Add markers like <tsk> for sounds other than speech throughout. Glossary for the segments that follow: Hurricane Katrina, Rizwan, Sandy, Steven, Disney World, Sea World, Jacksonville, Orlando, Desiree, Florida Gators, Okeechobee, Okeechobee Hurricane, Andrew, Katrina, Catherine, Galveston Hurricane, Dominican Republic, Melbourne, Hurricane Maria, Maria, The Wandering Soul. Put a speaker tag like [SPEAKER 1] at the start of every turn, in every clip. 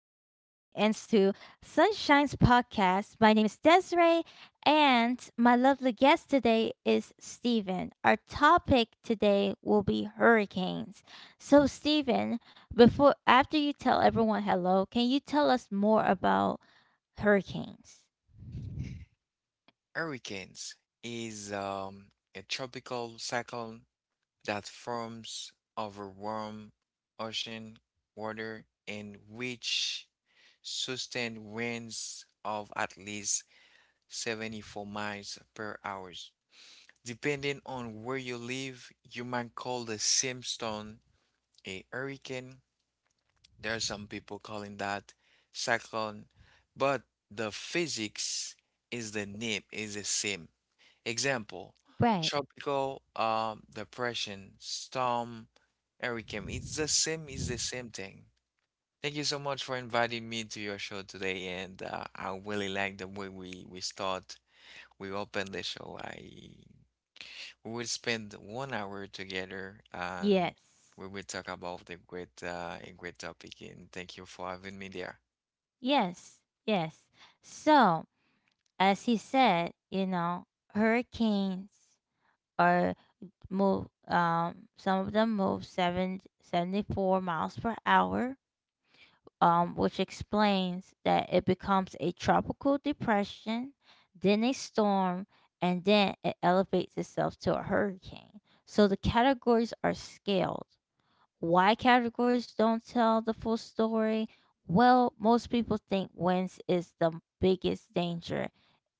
[SPEAKER 1] to Sunshine's podcast. My name is Desiree, and my lovely guest today is Steven. Our topic today will be hurricanes. So, Steven, before after you tell everyone hello, can you tell us more about hurricanes?
[SPEAKER 2] Hurricanes is a tropical cyclone that forms over warm ocean water and which sustained winds of at least 74 miles per hour. Depending on where you live, you might call the Simpson a hurricane. There are some people calling that cyclone, but the physics is the name is the same. Example,
[SPEAKER 1] Right.
[SPEAKER 2] tropical depression, storm, hurricane. It's the same thing. Thank you so much for inviting me to your show today, and I really like the way we start, we open the show. I we will spend 1 hour together, and
[SPEAKER 1] Yes.
[SPEAKER 2] we will talk about the great a great topic. And thank you for having me there.
[SPEAKER 1] Yes. Yes. So, as he said, you know, hurricanes are move some of them move 7 74 miles per hour, which explains that it becomes a tropical depression, then a storm, and then it elevates itself to a hurricane. So the categories are scaled. Why categories don't tell the full story? Well, most people think winds is the biggest danger.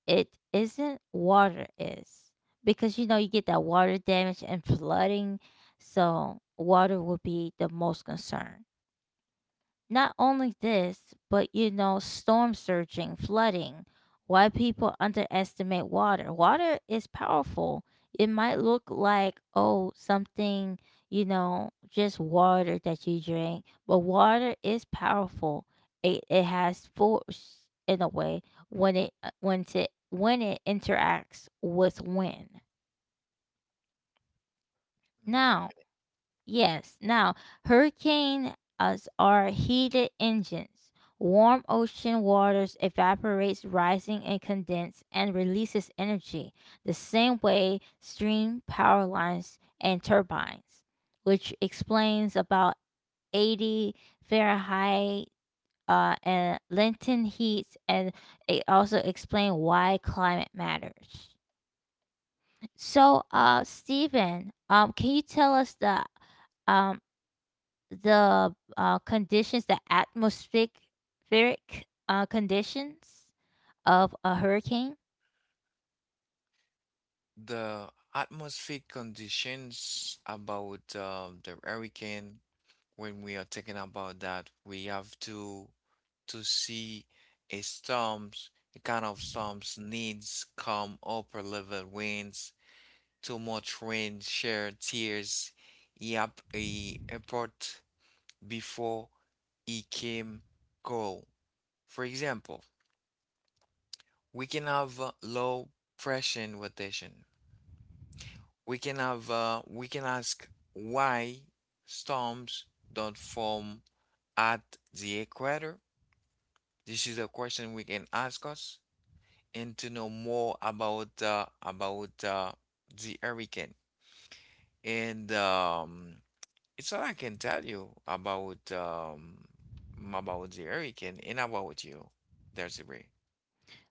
[SPEAKER 1] It isn't. Water is. Because, you know, you get that water damage and flooding. So water would be the most concern. Not only this, but, you know, storm surging, flooding, why people underestimate water. Water is powerful. It might look like, oh, something, you know, just water that you drink, but water is powerful. It has force in a way, when it when it interacts with wind.
[SPEAKER 2] Mm,
[SPEAKER 1] Now,
[SPEAKER 2] definitely.
[SPEAKER 1] yes. Now, hurricanes are heated engines. Warm ocean waters evaporates, rising and condense, and releases energy. The same way stream power lines and turbines, which explains about 80 Fahrenheit, and Lenten heats, and it also explains why climate matters. So, Stephen, can you tell us the, um conditions, the atmospheric conditions of a hurricane?
[SPEAKER 2] The atmospheric conditions about the hurricane when we are talking about that, we have to see a storms, a kind of storms needs calm upper level winds, too much rain, share tears. Yep, a airport before it came go. For example, we can have low pressure rotation. We can have we can ask why storms don't form at the equator. This is a question we can ask us and to know more about the hurricane. And it's all I can tell you about the hurricane and about you, Desiree.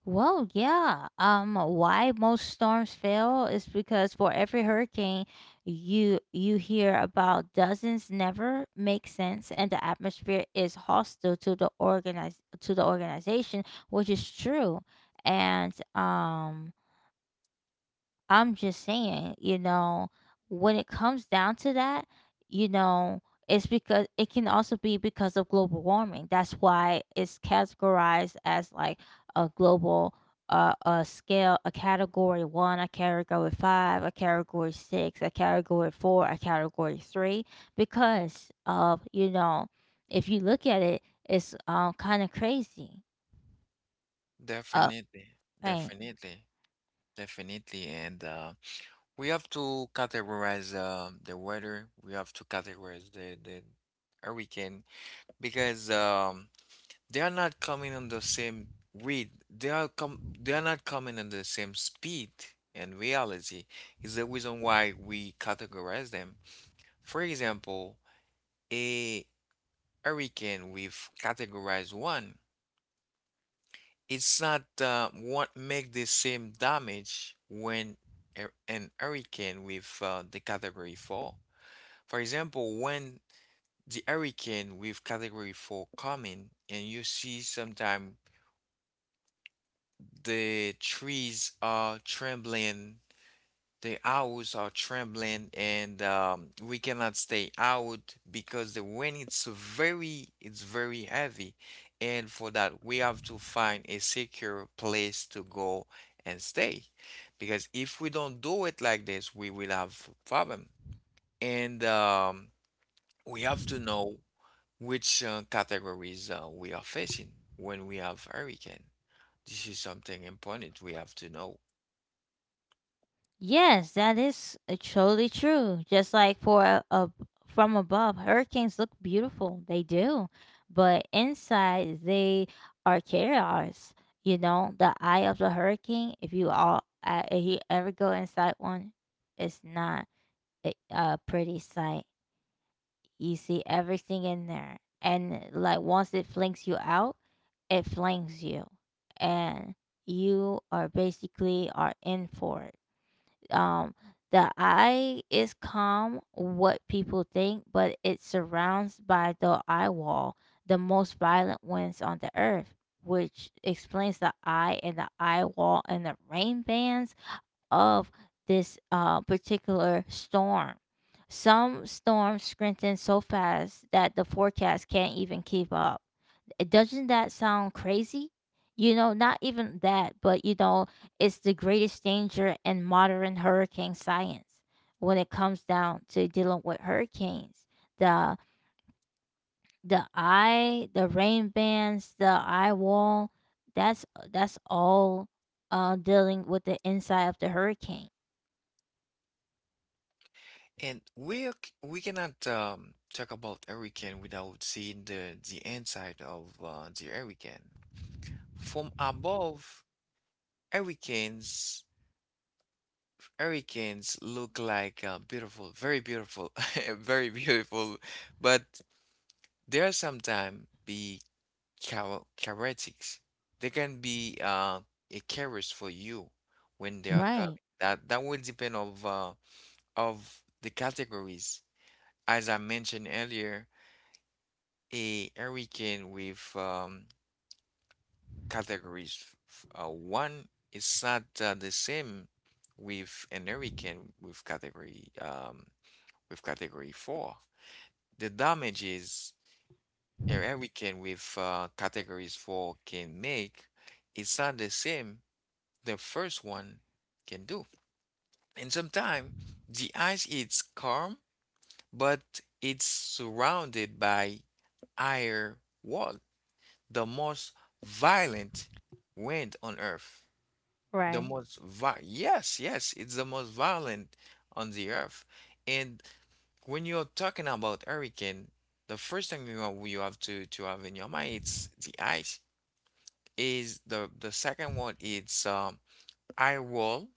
[SPEAKER 1] Well, yeah. Why most storms fail is because for every hurricane, you hear about dozens never make sense, and the atmosphere is hostile to the organize to the organization, which is true. And I'm just saying, you know, when it comes down to that, you know, it's because it can also be because of global warming. That's why it's categorized as like a global, a scale, a category one, a category five, a category six, a category four, a category three, because of, you know, if you look at it, it's kind of crazy. Uh,
[SPEAKER 2] Definitely,
[SPEAKER 1] right.
[SPEAKER 2] definitely, definitely. And we have to categorize the weather. We have to categorize the hurricane because they are not coming on the same read. They are com they are not coming on the same speed and reality is the reason why we categorize them. For example, a hurricane with categorize one, it's not what make the same damage when an hurricane with the category four. For example, when the hurricane with category four coming and you see sometime the trees are trembling, the owls are trembling, and we cannot stay out because the wind it's very heavy. And for that, we have to find a secure place to go and stay. Because if we don't do it like this, we will have problem. And we have to know which categories we are facing when we have hurricane. This is something important we have to know.
[SPEAKER 1] Yes, that is totally true. Just like for from above, hurricanes look beautiful. They do. But inside, they are chaos. You know, the eye of the hurricane, if you all, if you ever go inside one, it's not a pretty sight. You see everything in there. And like once it flings you out, it flings you. And you are basically are in for it. um the eye is calm, what people think, but it's surrounds by the eye wall, the most violent winds on the earth, which explains the eye and the eye wall and the rain bands of this particular storm. Some storms strengthen so fast that the forecast can't even keep up. It doesn't, that sound crazy? You know, not even that, but you know, it's the greatest danger in modern hurricane science when it comes down to dealing with hurricanes. The the eye, the rain bands, the eye wall, that's that's all dealing with the inside of the hurricane.
[SPEAKER 2] And we cannot talk about hurricane without seeing the inside of the hurricane. From above, hurricanes hurricanes look like beautiful, very beautiful, <laughs> very beautiful, but there are sometimes be characteristics. They can be a carriers for you when they are coming.
[SPEAKER 1] Right.
[SPEAKER 2] That will depend of the categories. As I mentioned earlier a hurricane with categories. One is not the same with an hurricane with category with category four. The damages a hurricane with categories four can make is not the same the first one can do. And sometimes the ice is calm, but it's surrounded by higher walls. The most violent wind on earth.
[SPEAKER 1] Right.
[SPEAKER 2] Yes, yes, it's the most violent on the earth. And when you're talking about hurricane, the first thing you have to have in your mind it's the ice. Is the second one it's eye wall,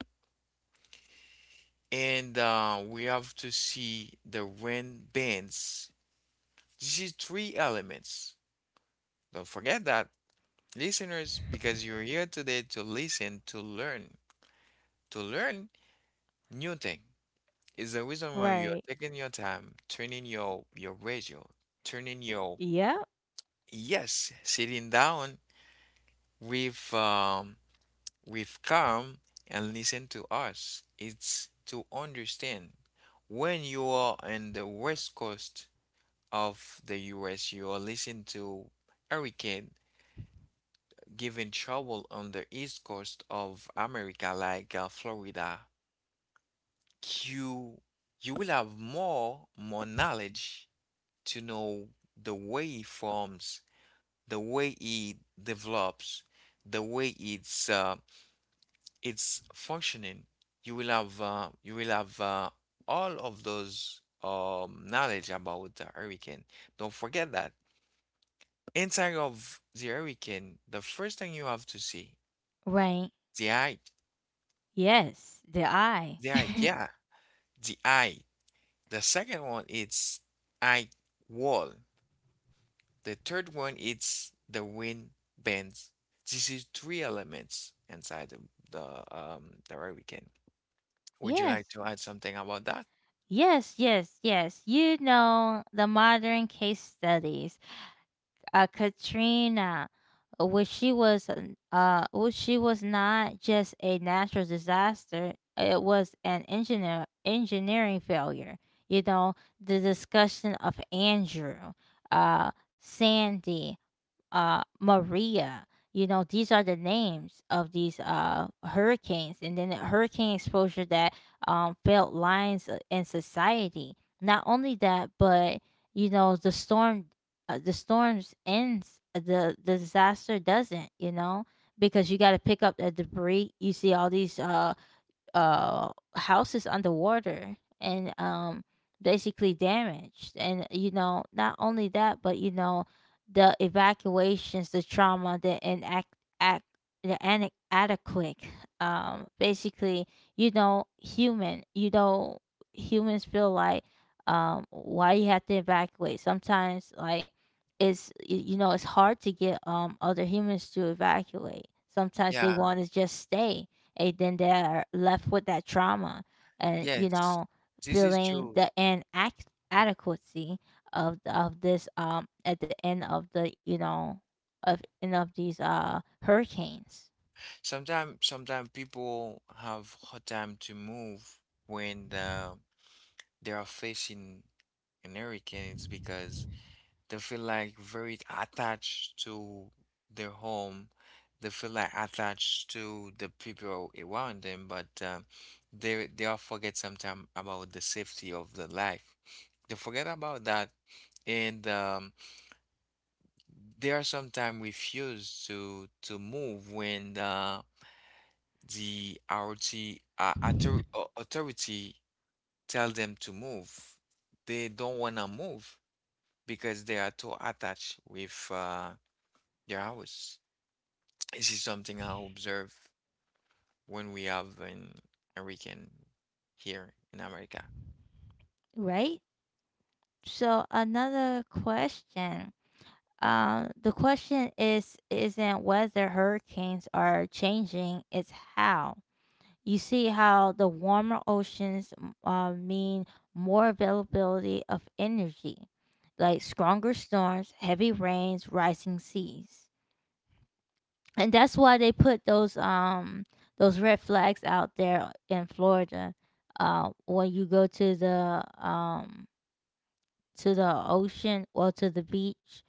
[SPEAKER 2] and we have to see the wind bands. This is three elements. Don't forget that, listeners, because you're here today to listen to learn. To learn new thing. Is the reason why you're
[SPEAKER 1] Right.
[SPEAKER 2] taking your time, turning your radio, turning your
[SPEAKER 1] Yep.
[SPEAKER 2] yes, sitting down with with calm and listen to us. It's to understand when you are in the west coast of the US, you are listening to hurricane giving trouble on the east coast of America, like Florida. you you will have more knowledge to know the way it forms, the way it develops, the way it's functioning. You will have all of those knowledge about the hurricane. Don't forget that inside of the hurricane, the first thing you have to see
[SPEAKER 1] Right.
[SPEAKER 2] the eye,
[SPEAKER 1] Yes. The eye.
[SPEAKER 2] the eye,
[SPEAKER 1] <laughs>
[SPEAKER 2] yeah, the eye. The second one is eye wall. The third one is the wind bands. This is three elements inside the hurricane. Would you like
[SPEAKER 1] Yes.
[SPEAKER 2] to add something about that?
[SPEAKER 1] Yes, yes, yes. You know the modern case studies. Katrina, which she was not just a natural disaster. It was an engineering failure. You know the discussion of Andrew, Sandy, Maria. You know, these are the names of these hurricanes, and then the hurricane exposure that, felt lines in society. Not only that, but you know, the storm, the storms ends, the disaster doesn't. You know, because you got to pick up the debris. You see all these uh houses underwater, and basically damaged. And you know, not only that, but you know, the evacuations, the trauma, the inact act the inadequate, basically, you know, humans feel like, why you have to evacuate sometimes. Like, it's you know, it's hard to get other humans to evacuate. Sometimes
[SPEAKER 2] Yeah,
[SPEAKER 1] they want to just stay, and then they're left with that trauma, and you
[SPEAKER 2] yes.
[SPEAKER 1] know,
[SPEAKER 2] This is
[SPEAKER 1] feeling
[SPEAKER 2] true.
[SPEAKER 1] the inadequacy of this, at the end of the, you know, of end of these hurricanes.
[SPEAKER 2] Sometimes people have hard time to move when they are facing an hurricane. It's because they feel like very attached to their home. They feel like attached to the people around them, but they all forget sometimes about the safety of the life. They forget about that, and they are sometimes refuse to move when the authority author- au- authority tell them to move. They don't wanna move because they are too attached with their hours. This is something I observe when we have an American here in America.
[SPEAKER 1] Right, so another question. The question is, isn't whether hurricanes are changing, it's how. You see how the warmer oceans mean more availability of energy, like stronger storms, heavy rains, rising seas. And that's why they put those, those red flags out there in Florida. When you go to the, to the ocean or to the beach,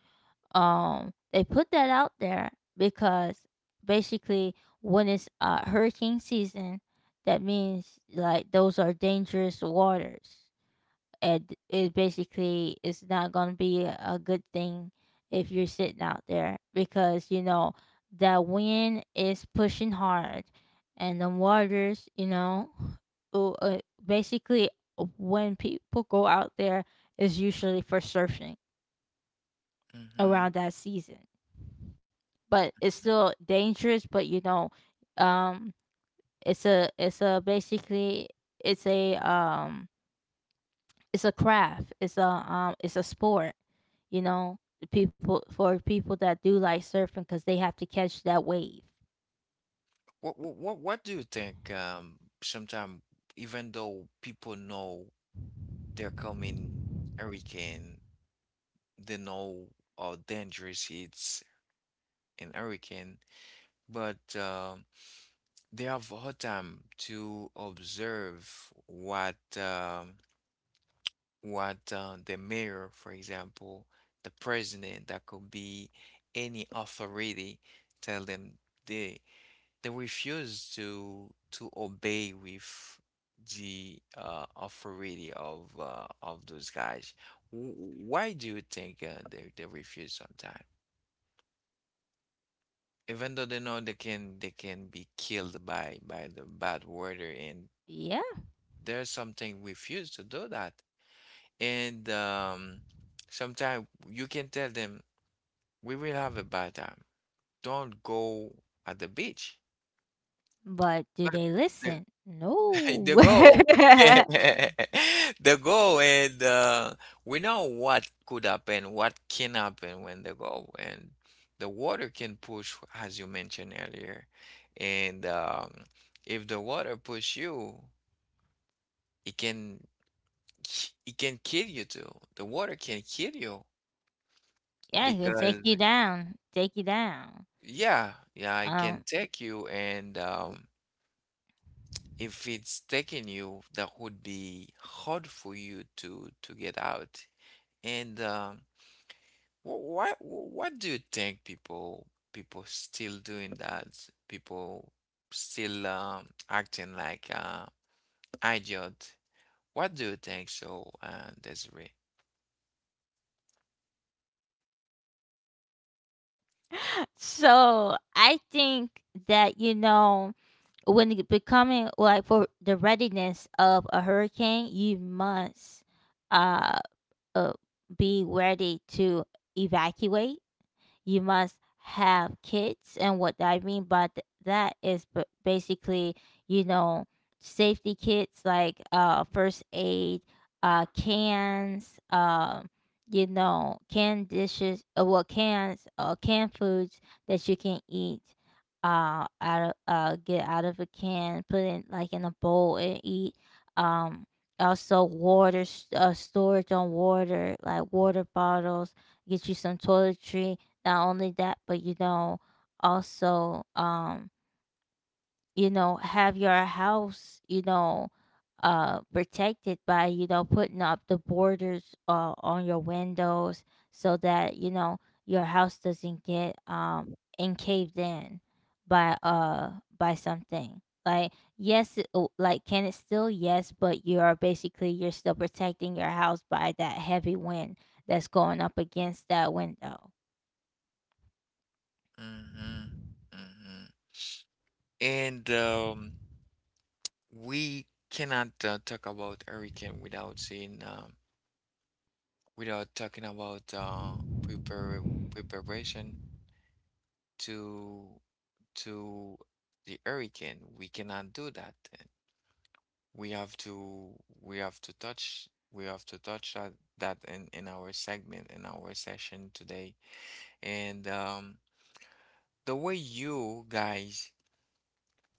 [SPEAKER 1] they put that out there because basically when it's hurricane season, that means like those are dangerous waters. it it basically is not going to be a good thing if you're sitting out there, because you know that wind is pushing hard, and the waters, you know, basically, when people go out there is usually for surfing
[SPEAKER 2] Hmm.
[SPEAKER 1] around that season. But it's still dangerous, but you know, um it's a basically, it's a um it's a craft. It's a sport, you know. The People for people that do like surfing, because they have to catch that wave.
[SPEAKER 2] What, what do you think? Sometimes even though people know they're coming hurricane, they know how dangerous it's an hurricane, but they have a hard time to observe what the mayor, for example, the president, that could be any authority, tell them they they refuse to obey with the authority of those guys. Why do you think they refuse sometimes? Even though they know they can be killed by the bad weather, and
[SPEAKER 1] Yeah,
[SPEAKER 2] there's something refuse to do that, and sometimes you can tell them we will have a bad time. Don't go at the beach.
[SPEAKER 1] but do
[SPEAKER 2] But
[SPEAKER 1] they
[SPEAKER 2] the,
[SPEAKER 1] listen?
[SPEAKER 2] <laughs>
[SPEAKER 1] No.
[SPEAKER 2] the
[SPEAKER 1] <laughs>
[SPEAKER 2] goal, <laughs>
[SPEAKER 1] Yeah, it
[SPEAKER 2] the goal, and we know what can happen when they go, and the water can push, as you mentioned earlier, and if the water push you, it can it can kill you too. The water can kill you
[SPEAKER 1] can take
[SPEAKER 2] because
[SPEAKER 1] you down. Take you down.
[SPEAKER 2] yeah, yeah, it can
[SPEAKER 1] Um
[SPEAKER 2] take you and if it's taking you, that would be hard for you to get out. And what do you think people still doing that? People still acting like idiot. What do you think so, Desiree?
[SPEAKER 1] so I think that, you know, when it becoming like for the readiness of a hurricane, you must, uh, uh be ready to evacuate. You must have kids, and what I mean by that is basically, you know, safety kits like first aid, cans, you know, canned dishes, well, cans, canned foods that you can eat out of, get out of a can, put it like in a bowl and eat. um also water, storage on water like water bottles. Get you some toiletry. Not only that, but you know, also, you know, have your house, you know, protected by, you know, putting up the borders on your windows, so that, you know, your house doesn't get encaved in by uh by something. Like, yes, it- oh, like can it still? Yes, but you are basically, you're still protecting your house by that heavy wind that's going up against that window.
[SPEAKER 2] Mm-hmm. Mm-hmm. And we cannot talk about hurricane without saying without talking about prepar preparation. To to the hurricane. We cannot do that. Then. We have to we have to touch that, that in our segment in our session today. And the way you guys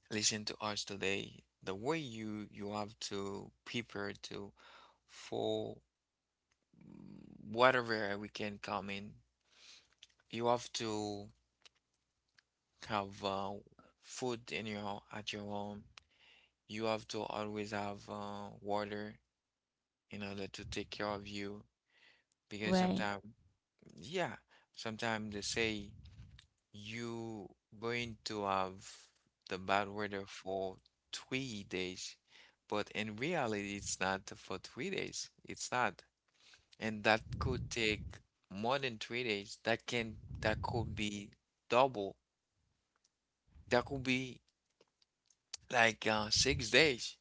[SPEAKER 2] listen to us today, the way you have to prepare to for whatever we can come in you have to have food in your at your home. You have to always have water in order to take care of you because
[SPEAKER 1] Right.
[SPEAKER 2] sometimes, yeah, sometimes they say you going to have the bad weather for 3 days, but in reality, it's not for 3 days. It's not, and that could take more than 3 days. That could be double. That could be like 6 days,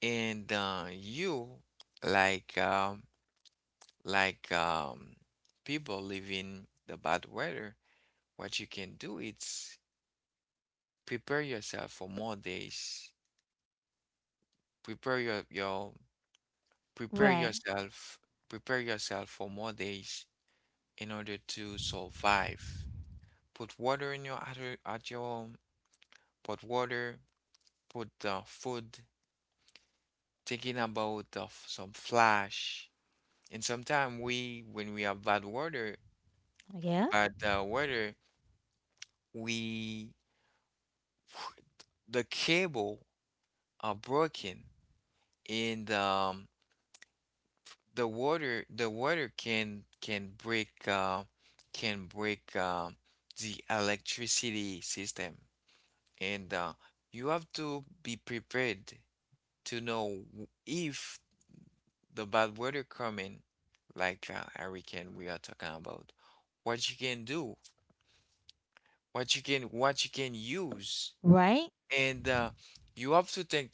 [SPEAKER 2] and you like um like um, people living the bad weather, what you can do is prepare yourself for more days. Prepare your prepare
[SPEAKER 1] Right.
[SPEAKER 2] yourself prepare yourself for more days in order to survive. Put water in your at, your- at your home. Put water. Put food. Thinking about some flash. And sometimes when we have bad weather,
[SPEAKER 1] Yeah.
[SPEAKER 2] bad uh, weather, we the cable are broken and the water can can break the electricity system and you have to be prepared to know if the bad weather coming like hurricane we are talking about what you can do what you can use
[SPEAKER 1] Right.
[SPEAKER 2] and you have to think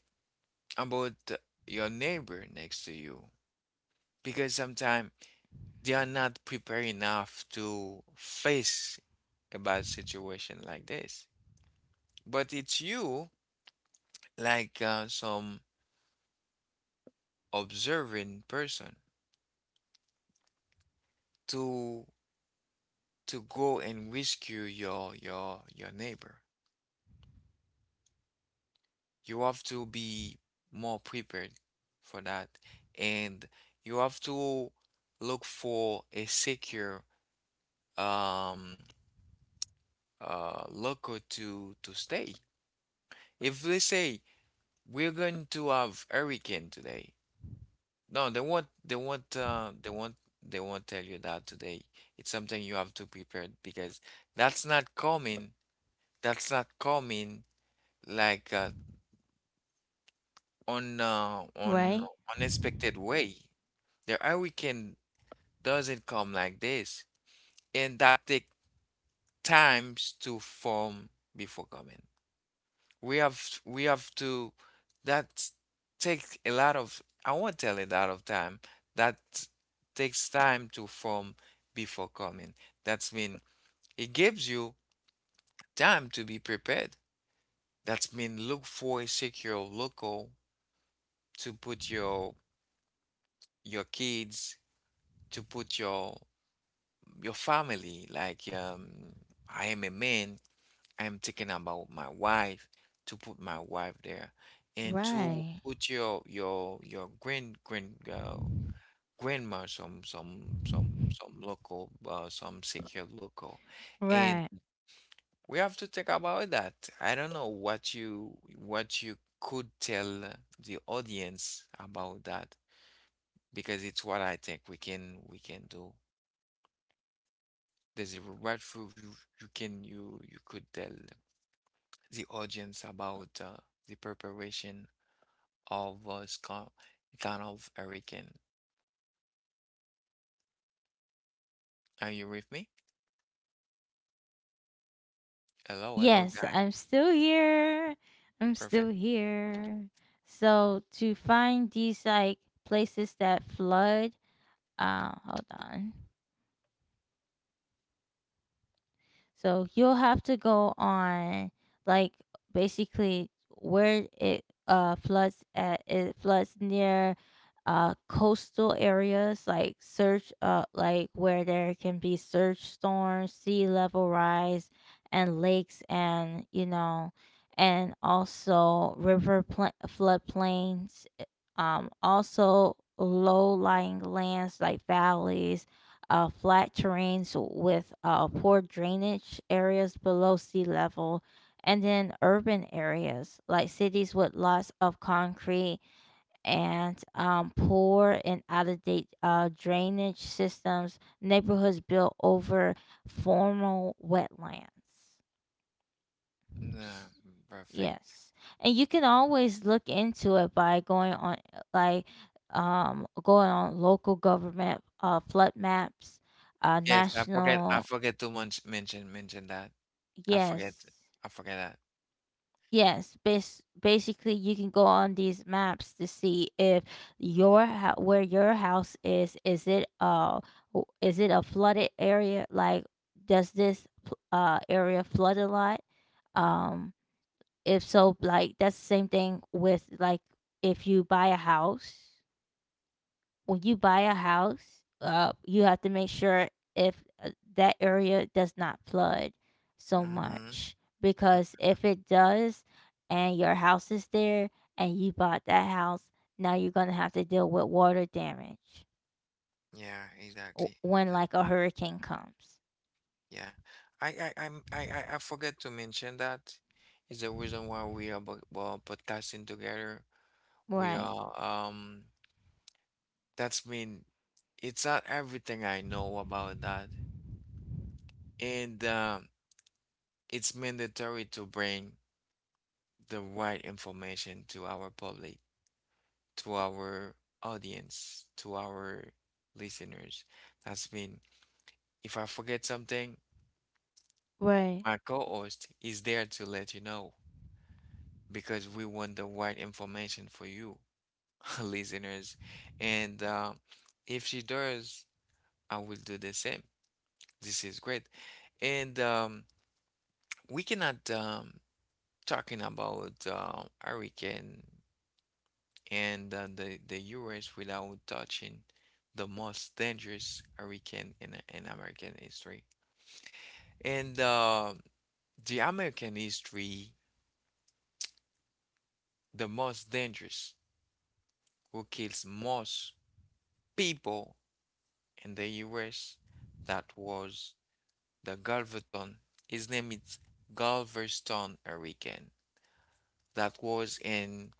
[SPEAKER 2] about your neighbor next to you because sometimes they are not prepared enough to face a bad situation like this. But it's you, like some observing person, to to go and rescue your your neighbor. You have to be more prepared for that, and you have to look for a secure um local to stay. If they say we're going to have hurricane today. No, they won't. They won't. They won't. They won't tell you that today. It's something you have to prepare because that's not coming. That's not coming like on
[SPEAKER 1] Right.
[SPEAKER 2] unexpected way. The hurricane doesn't come like this, and that take times to form before coming. We have to that take a lot of I won't tell it out of time. That takes time to form before coming. That's mean it gives you time to be prepared. That's mean, look for a secure local to put your kids, to put your family, I am a man. I'm thinking about my wife, to put my wife there, and to
[SPEAKER 1] Right.
[SPEAKER 2] put your grandma, some local, some secure local, and
[SPEAKER 1] Right.
[SPEAKER 2] we have to think about that. I don't know what you could tell the audience about that because it's what I think we can do. There's a what you can you you could tell the audience about the preparation of Scott Ganov Hurricane. Are you with me? Hello, hello,
[SPEAKER 1] Yes,
[SPEAKER 2] guy.
[SPEAKER 1] I'm still here. I'm
[SPEAKER 2] Perfect.
[SPEAKER 1] still here. So to find these like places that flood, hold on. So you'll have to go on like basically where it floods at. It floods near coastal areas, like search like where there can be surge storms, sea level rise, and lakes, and you know, and also river floodplains, also low lying lands like valleys, flat terrains with poor drainage, areas below sea level, and then urban areas like cities with lots of concrete, and poor and out of date drainage systems, neighborhoods built over formal wetlands.
[SPEAKER 2] Nah,
[SPEAKER 1] S-
[SPEAKER 2] perfect.
[SPEAKER 1] Yes. And you can always look into it by going on, like, going on local government flood maps,
[SPEAKER 2] Yes, I forget. I
[SPEAKER 1] national.
[SPEAKER 2] forget to mention that. I forget.
[SPEAKER 1] Yes.
[SPEAKER 2] I forget that.
[SPEAKER 1] Yes, basically you can go on these maps to see if where your house is it, is it a flooded area? Like, does this area flood a lot? Um If so, like that's the same thing with like, if you buy a house. When you buy a house, you have to make sure if that area does not flood so
[SPEAKER 2] Mm-hmm.
[SPEAKER 1] much,
[SPEAKER 2] mm,
[SPEAKER 1] because if it does, and your house is there, and you bought that house, now you're gonna have to deal with water damage
[SPEAKER 2] Yeah, exactly.
[SPEAKER 1] when like a hurricane comes.
[SPEAKER 2] Yeah, I I'm, I forget to mention that is the reason why we are podcasting together. We
[SPEAKER 1] Right.
[SPEAKER 2] are. That's mean it's not everything I know about that, and it's mandatory to bring the right information to our public, to our audience, to our listeners. That's mean if I forget something,
[SPEAKER 1] Right.
[SPEAKER 2] my co-host is there to let you know because we want the right information for you, <laughs> listeners. And if she does, I will do the same. This is great. And we cannot talking about hurricane and the U.S. without touching the most dangerous hurricane in American history. And the American history, the most dangerous, who kills most people in the U.S. That was the Galveston. His name is Galveston Hurricane. That was in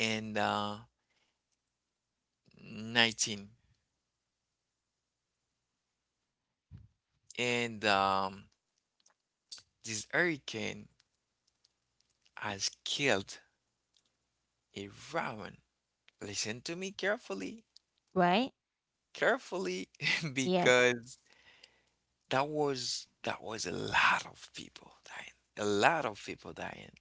[SPEAKER 2] in uh, 19, and this hurricane has killed around— listen to me carefully,
[SPEAKER 1] Right.
[SPEAKER 2] carefully, <laughs>
[SPEAKER 1] Yes.
[SPEAKER 2] because that was a lot of people dying. A lot of people dying.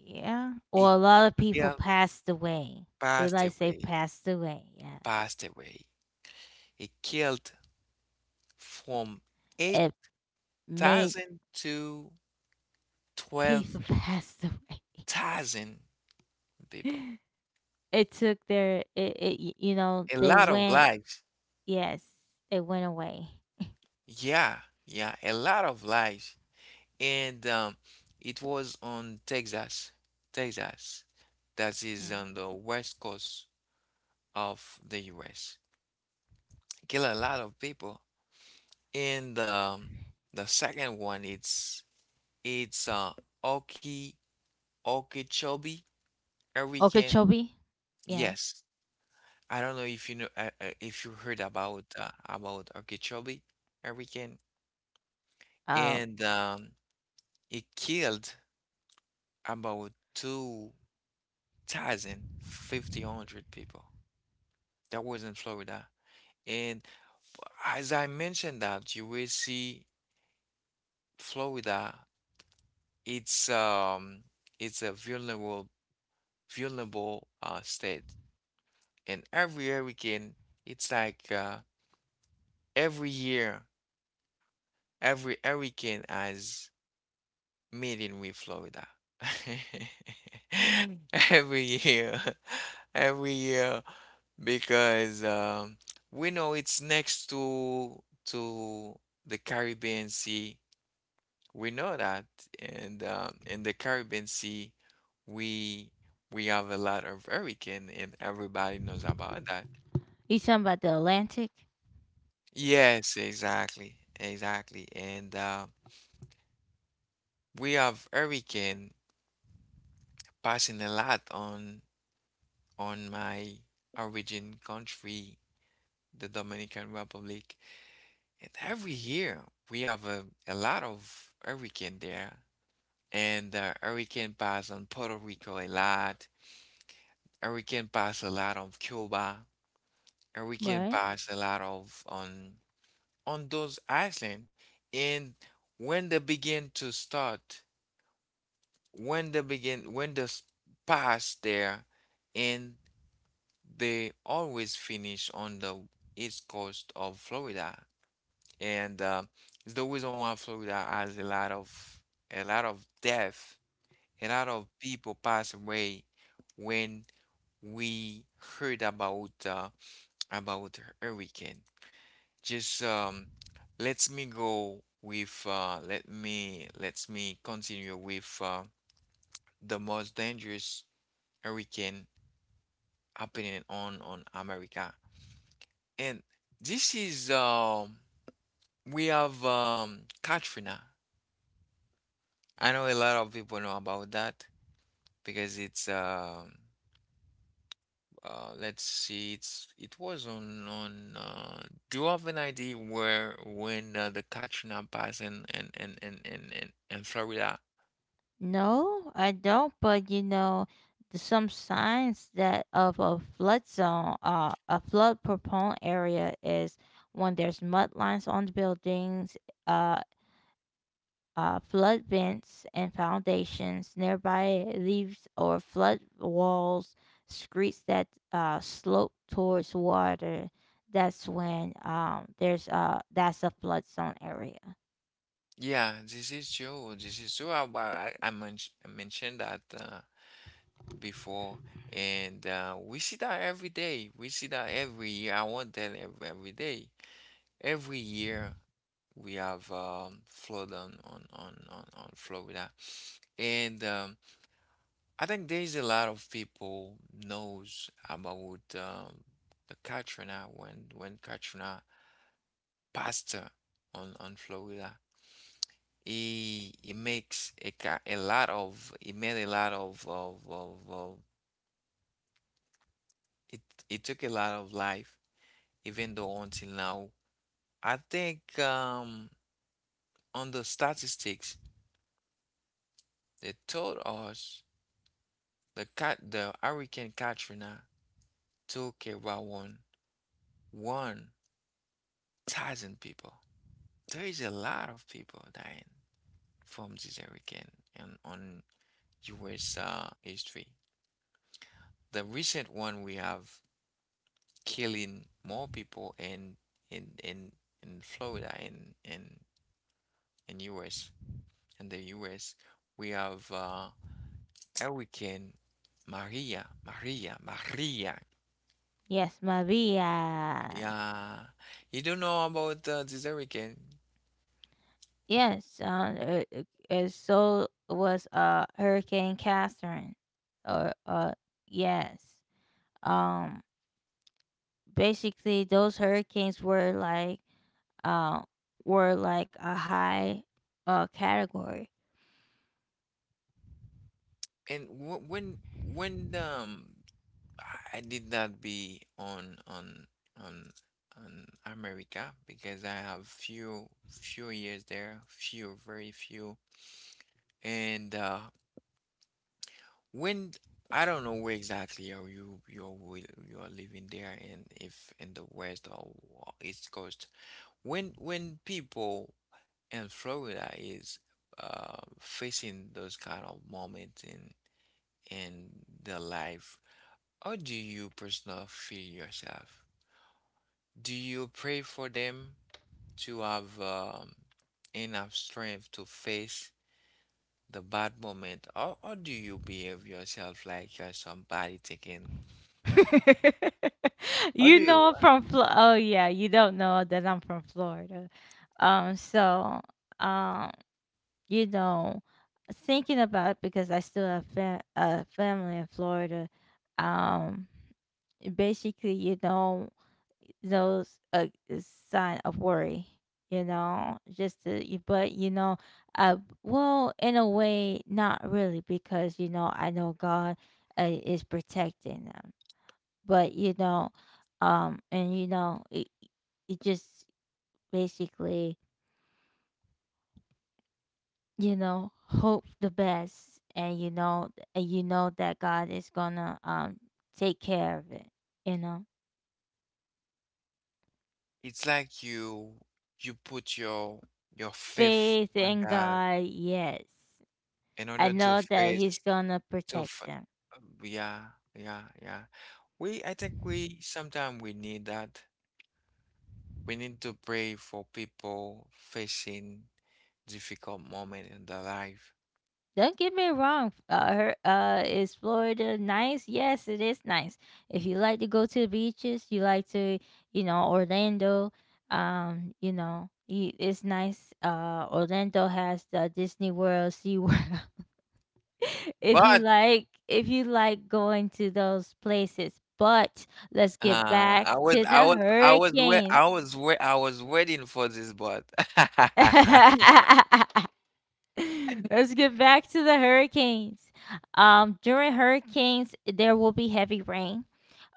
[SPEAKER 1] Yeah, or a
[SPEAKER 2] It
[SPEAKER 1] lot of people
[SPEAKER 2] killed,
[SPEAKER 1] passed away. Would I
[SPEAKER 2] passed
[SPEAKER 1] say
[SPEAKER 2] away,
[SPEAKER 1] passed away? Yeah.
[SPEAKER 2] passed away. It killed from
[SPEAKER 1] It made
[SPEAKER 2] 8,000 to
[SPEAKER 1] people <laughs> passed away.
[SPEAKER 2] 12,000 people.
[SPEAKER 1] It took their, it, you know,
[SPEAKER 2] A
[SPEAKER 1] they
[SPEAKER 2] lot of
[SPEAKER 1] went.
[SPEAKER 2] lives.
[SPEAKER 1] Yes, they went away.
[SPEAKER 2] Yeah, yeah, a lot of lives. And it was on Texas, Texas, that is
[SPEAKER 1] Mm.
[SPEAKER 2] on the west coast of the U.S. Kill a lot of people. And the second one, it's Oki Okeechobee Hurricane.
[SPEAKER 1] Okeechobee? Yeah.
[SPEAKER 2] Yes, I don't know if you heard about Okeechobee Hurricane,
[SPEAKER 1] Um
[SPEAKER 2] and it killed about two thousand fifty hundred people. That was in Florida. And as I mentioned that, you will see Florida, it's um it's a vulnerable state. And every hurricane, it's like every year, every hurricane has meeting with Florida. <laughs> Every year. <laughs> Every year because we know it's next to the Caribbean Sea. We know that, and in the Caribbean Sea, we we have a lot of hurricane, and everybody knows about that.
[SPEAKER 1] you talking about the Atlantic,
[SPEAKER 2] Yes, exactly, exactly. And we have hurricane passing a lot on my origin country, the Dominican Republic. And every year we have a lot of hurricane there. And hurricane pass on Puerto Rico a lot. Hurricane pass a lot on Cuba. And we can
[SPEAKER 1] right?
[SPEAKER 2] pass a lot of on those island, and when they begin to start, when they begin when they s- pass there, and they always finish on the east coast of Florida, and it's the reason why Florida has a lot of, a lot of death, a lot of people pass away when we heard about hurricane. Just Let me lets me continue with the most dangerous hurricane happening on America. And this is we have Katrina. I know a lot of people know about that because it's let's see, it was on do you have an idea where when the Katrina passed in Florida?
[SPEAKER 1] No, I don't. But you know, some signs that of a flood zone, a flood prone area, is when there's mud lines on the buildings, uh, flood vents and foundations nearby, leaves or flood walls, streets that slope towards water. That's when, there's that's a flood zone area.
[SPEAKER 2] Yeah, this is true. This is true. I mentioned that before, and we see that every day. We see that every year. I won't tell every day. Every year we have flood on, on Florida, and I think there's a lot of people knows about the Katrina when Katrina passed on Florida. It makes a, ca- a lot of it made a lot of it it took a lot of life, even though until now I think on the statistics, they told us the Hurricane Katrina took about one thousand people. There is a lot of people dying from this hurricane. And on US history, the recent one we have killing more people in in in in Florida and in US, and the US we have Hurricane Maria Maria.
[SPEAKER 1] Yes, Maria.
[SPEAKER 2] Yeah, you don't know about this hurricane.
[SPEAKER 1] Yes, so was Hurricane Catherine, or yes, um, basically those hurricanes uh were like a high category.
[SPEAKER 2] And wh- when I did not be on on on America because I have few years there, few very few and when I don't know where exactly are you, you are living there, and if in the west or east coast. When people in Florida is facing those kind of moments in in their life, how do you personally feel yourself? Do you pray for them to have enough strength to face the bad moment, or do you behave yourself like you're somebody taking?
[SPEAKER 1] <laughs>
[SPEAKER 2] How do you—
[SPEAKER 1] I'm from oh yeah, you don't know that I'm from Florida. um, so um, you know, thinking about it, because I still have a family in Florida, um basically, those a sign of worry, you know, just to, y- but you know, uh, well, in a way, not really, because you know, I know God is protecting them. But it, it just basically, you know, hope the best, and you know that God is gonna take care of it, you know.
[SPEAKER 2] it's like you put your faith
[SPEAKER 1] Faith
[SPEAKER 2] on
[SPEAKER 1] in
[SPEAKER 2] God
[SPEAKER 1] God, yes.
[SPEAKER 2] in
[SPEAKER 1] I
[SPEAKER 2] order to
[SPEAKER 1] know that
[SPEAKER 2] face
[SPEAKER 1] he's gonna
[SPEAKER 2] to
[SPEAKER 1] protect
[SPEAKER 2] f-
[SPEAKER 1] them.
[SPEAKER 2] yeah, yeah, yeah. We— I think we sometimes we need that. We need to pray for people facing difficult moment in their life.
[SPEAKER 1] Don't get me wrong. Is Florida nice? Yes, it is nice. If you like to go to the beaches, you like to, you know, Orlando. You know, it's nice. Orlando has the Disney World, Sea World. <laughs> If you
[SPEAKER 2] But,
[SPEAKER 1] like, if you like going to those places, but let's get
[SPEAKER 2] uh,
[SPEAKER 1] back
[SPEAKER 2] I was,
[SPEAKER 1] to
[SPEAKER 2] I
[SPEAKER 1] the
[SPEAKER 2] was, I was, wait,
[SPEAKER 1] hurricanes.
[SPEAKER 2] I was, wait, I was waiting for this, but
[SPEAKER 1] <laughs> <laughs>
[SPEAKER 2] <laughs>
[SPEAKER 1] Let's get back to the hurricanes. During hurricanes, there will be heavy rain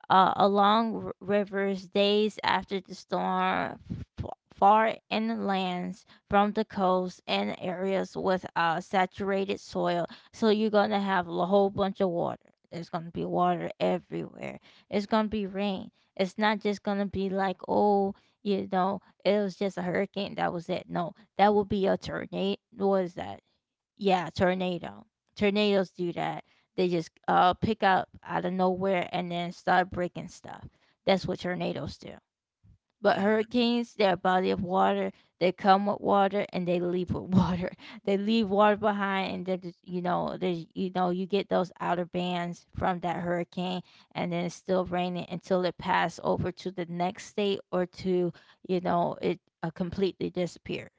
[SPEAKER 1] along rivers days after the storm, far inlands from the coast and areas with saturated soil. So you're going to have a whole bunch of water. There's going to be water everywhere. It's going to be rain. It's not just going to be like, oh, you know, it was just a hurricane. That was it. No, that would be a tornado. What is that? Yeah, tornado. Tornadoes do that. They just pick up out of nowhere and then start breaking stuff. That's what tornadoes do. But
[SPEAKER 2] mhm,
[SPEAKER 1] hurricanes, they're a body of water. They come with water and they leave with water. <laughs> They leave water behind, and they're just, you get those outer bands from that hurricane, and then it's still raining until it pass over to the next state, or to, you know, it completely disappears.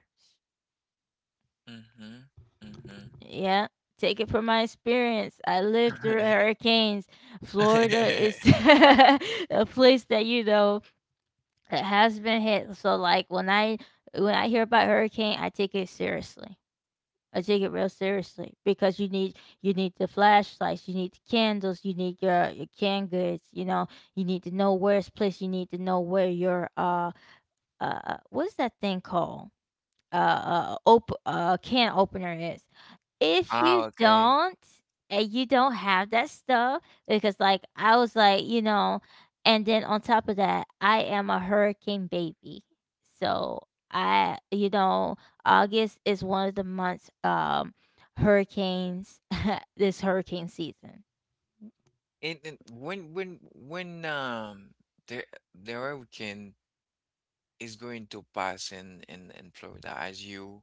[SPEAKER 2] mhm, mhm.
[SPEAKER 1] Yeah, take it from my experience. I lived through hurricanes. Florida is
[SPEAKER 2] <laughs>
[SPEAKER 1] <laughs> a place that you know that has been hit. So like when I hear about hurricane, I take it seriously. I take it real seriously because you need the flashlights, you need the candles, you need your canned goods. You know, you need to know where it's placed. You need to know where your what's that thing called, can opener is, if you
[SPEAKER 2] Ah, okay.
[SPEAKER 1] don't, and you don't have that stuff. Because like I was like, you know, and then on top of that, I am a hurricane baby. So I you know, August is one of the months hurricanes. <laughs> This hurricane season.
[SPEAKER 2] And when, the hurricane is going to pass in in Florida,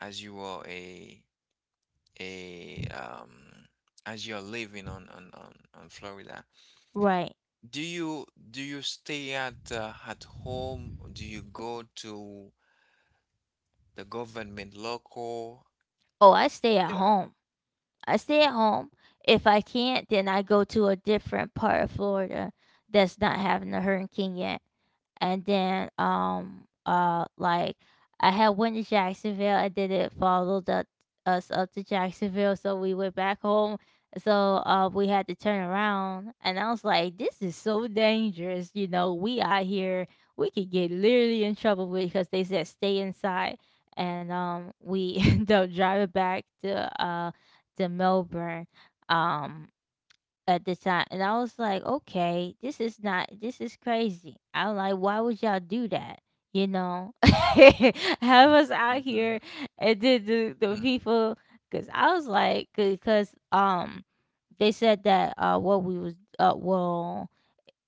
[SPEAKER 2] as you are a as you're living on Florida,
[SPEAKER 1] Right.
[SPEAKER 2] do you do you stay at home? Do you go to the government local?
[SPEAKER 1] Oh, I stay at
[SPEAKER 2] Yeah.
[SPEAKER 1] home. I stay at home. If I can't, then I go to a different part of Florida that's not having a hurricane yet, and then like I had went to Jacksonville, and then it followed up us up to Jacksonville, so we went back home. So we had to turn around and I was like, this is so dangerous, you know, we out here, we could get literally in trouble with, because they said stay inside. And we <laughs> ended up driving back to Melbourne, um at the time, and I was like, okay, this is not, this is crazy. I'm like, why would y'all do that? You know? <laughs> Have us out here.
[SPEAKER 2] Mhm,
[SPEAKER 1] And then the
[SPEAKER 2] mhm.
[SPEAKER 1] people, cuz I was like, cuz they said that what we was well,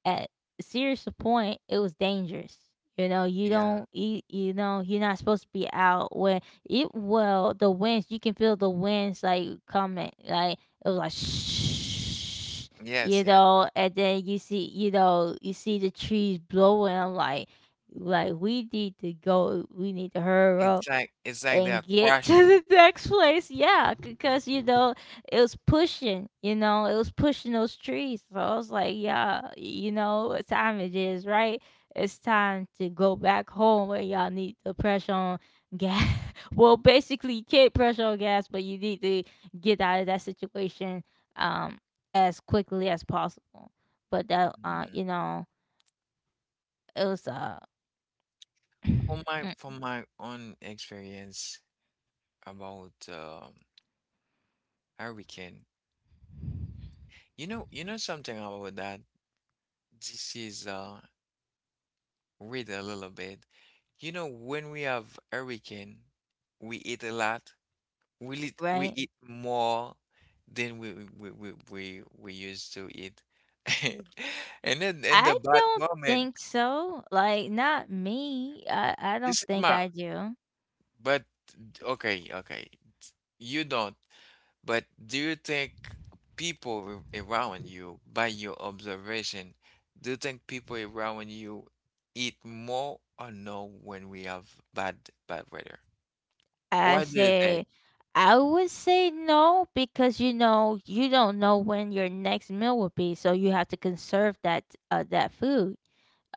[SPEAKER 1] at serious point, it was dangerous. You know,
[SPEAKER 2] Yeah.
[SPEAKER 1] you know, you're not supposed to be out when it, well, the winds, you can feel the winds like coming. Like, it was like, shh, you
[SPEAKER 2] Yes, yes.
[SPEAKER 1] know, and then you see, you know, you see the trees blowing. I'm like, we need to go, we need to hurry up
[SPEAKER 2] It's like they are
[SPEAKER 1] and get to
[SPEAKER 2] crashing.
[SPEAKER 1] the <laughs> next place. Yeah, because you know it was pushing. You know it was pushing those trees. So I was like, yeah, you know what time it is, right? It's time to go back home where y'all need to press on gas. <laughs> Well, basically, you can't press on gas, but you need to get out of that situation um as quickly as possible. But that
[SPEAKER 2] Mhm.
[SPEAKER 1] you know, it was <clears throat> mm,
[SPEAKER 2] From my own experience about hurricane, you know something about that. This is read a little bit. You know, when we have hurricane, we eat a lot. We
[SPEAKER 1] right.
[SPEAKER 2] eat more than we used to eat. <laughs> And then in
[SPEAKER 1] I
[SPEAKER 2] the bad
[SPEAKER 1] don't
[SPEAKER 2] moment,
[SPEAKER 1] think so. Like, not me. I don't
[SPEAKER 2] this is
[SPEAKER 1] think
[SPEAKER 2] my—
[SPEAKER 1] I do.
[SPEAKER 2] but okay, okay. You don't, but do you think people around you, by your observation, do you think people around you eat more, or no, when we have bad bad weather?
[SPEAKER 1] I
[SPEAKER 2] Why do you think?
[SPEAKER 1] say, I would say no, because you know you don't know when your next meal will be, so you have to conserve that that food.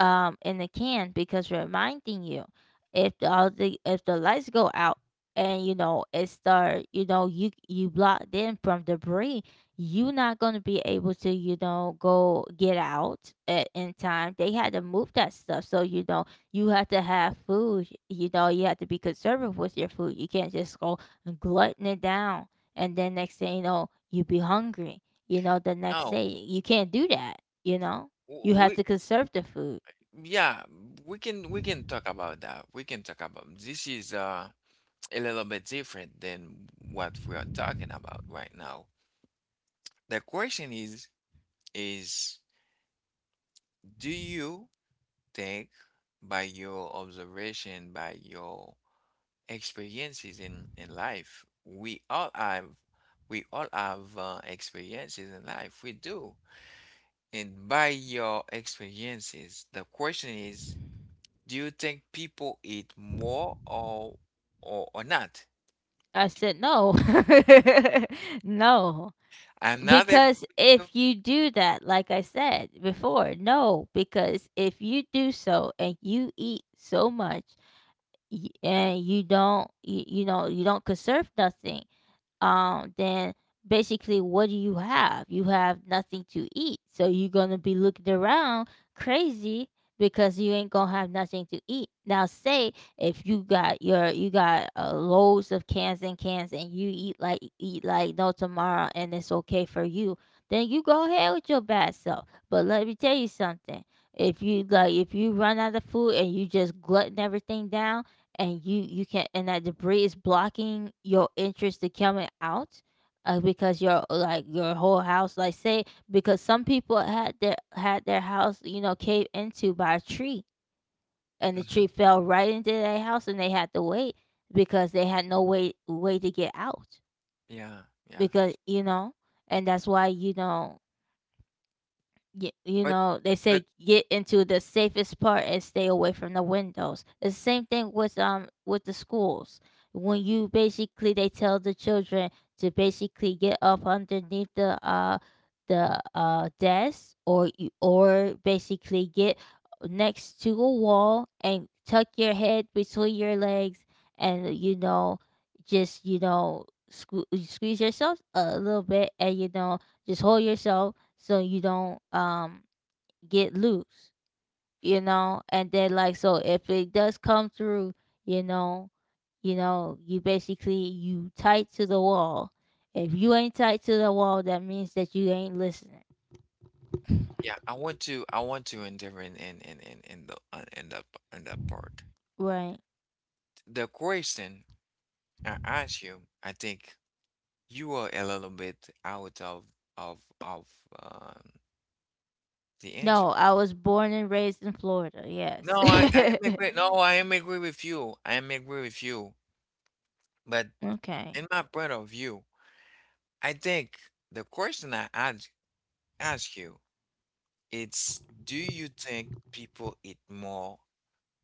[SPEAKER 1] In the can, because reminding you, if the lights go out and you know it start, you know you you blocked in from debris, you're not going to be able to you know go get out at, in time they had to move that stuff. So you know you have to have food, you know you have to be conservative with your food, you can't just go glutton it down, and then next thing you know you be hungry, you know, the next
[SPEAKER 2] No,
[SPEAKER 1] day you can't do that, you know, you have
[SPEAKER 2] we—
[SPEAKER 1] to conserve the food.
[SPEAKER 2] yeah, we can talk about that. We can talk about— this is <tsk> a little bit different than what we are talking about right now. The question is, is do you think, by your observation, by your experiences in life— we all have, we all have experiences in life. We do. And by your experiences, the question is, do you think people eat more, or not?
[SPEAKER 1] I said, "No." <laughs> No,
[SPEAKER 2] I'm not a—
[SPEAKER 1] because if you do that, like I said before, no, because if you do so and you eat so much, and you know you don't conserve nothing, then basically, what do you have? You have nothing to eat. So you're gonna be looking around crazy because you ain't gonna have nothing to eat. Now say if you got loads of cans and cans and you eat like no tomorrow and it's okay for you, then you go ahead with your bad self. But let me tell you something. If you like, if you run out of food and you just glutton everything down, and you can and that debris is blocking your interest to coming out, because your like your whole house, like say, because some people had their house, you know, caved into by a tree, and the
[SPEAKER 2] hmm.
[SPEAKER 1] tree fell right into their house, and they had to wait because they had no way to get out.
[SPEAKER 2] Yeah, yeah.
[SPEAKER 1] Because, you know, and that's why you know, you
[SPEAKER 2] But
[SPEAKER 1] know they
[SPEAKER 2] but—
[SPEAKER 1] say get into the safest part and stay away from the windows. The same thing with the schools. When you basically, they tell the children to basically get up underneath the desk, or you, or basically get next to a wall and tuck your head between your legs, and you know, just you know, squeeze yourself a little bit, and you know, just hold yourself, so you don't get loose, you know. And then like so, if it does come through, you know, you know, you basically you tight to the wall. If you ain't tight to the wall, that means that you ain't listening,
[SPEAKER 2] yeah, I want to, I want to endeavor in the in that in that part.
[SPEAKER 1] right?
[SPEAKER 2] The question I ask you, I think you are a little bit out of, of of um, the
[SPEAKER 1] No,
[SPEAKER 2] answer.
[SPEAKER 1] I was born and raised in Florida. Yes.
[SPEAKER 2] No, I— I am agree.
[SPEAKER 1] <laughs>
[SPEAKER 2] No, I am agree with you. I am agree with you. But
[SPEAKER 1] Okay.
[SPEAKER 2] in my point of view, I think the question I asked, ask you, it's do you think people eat more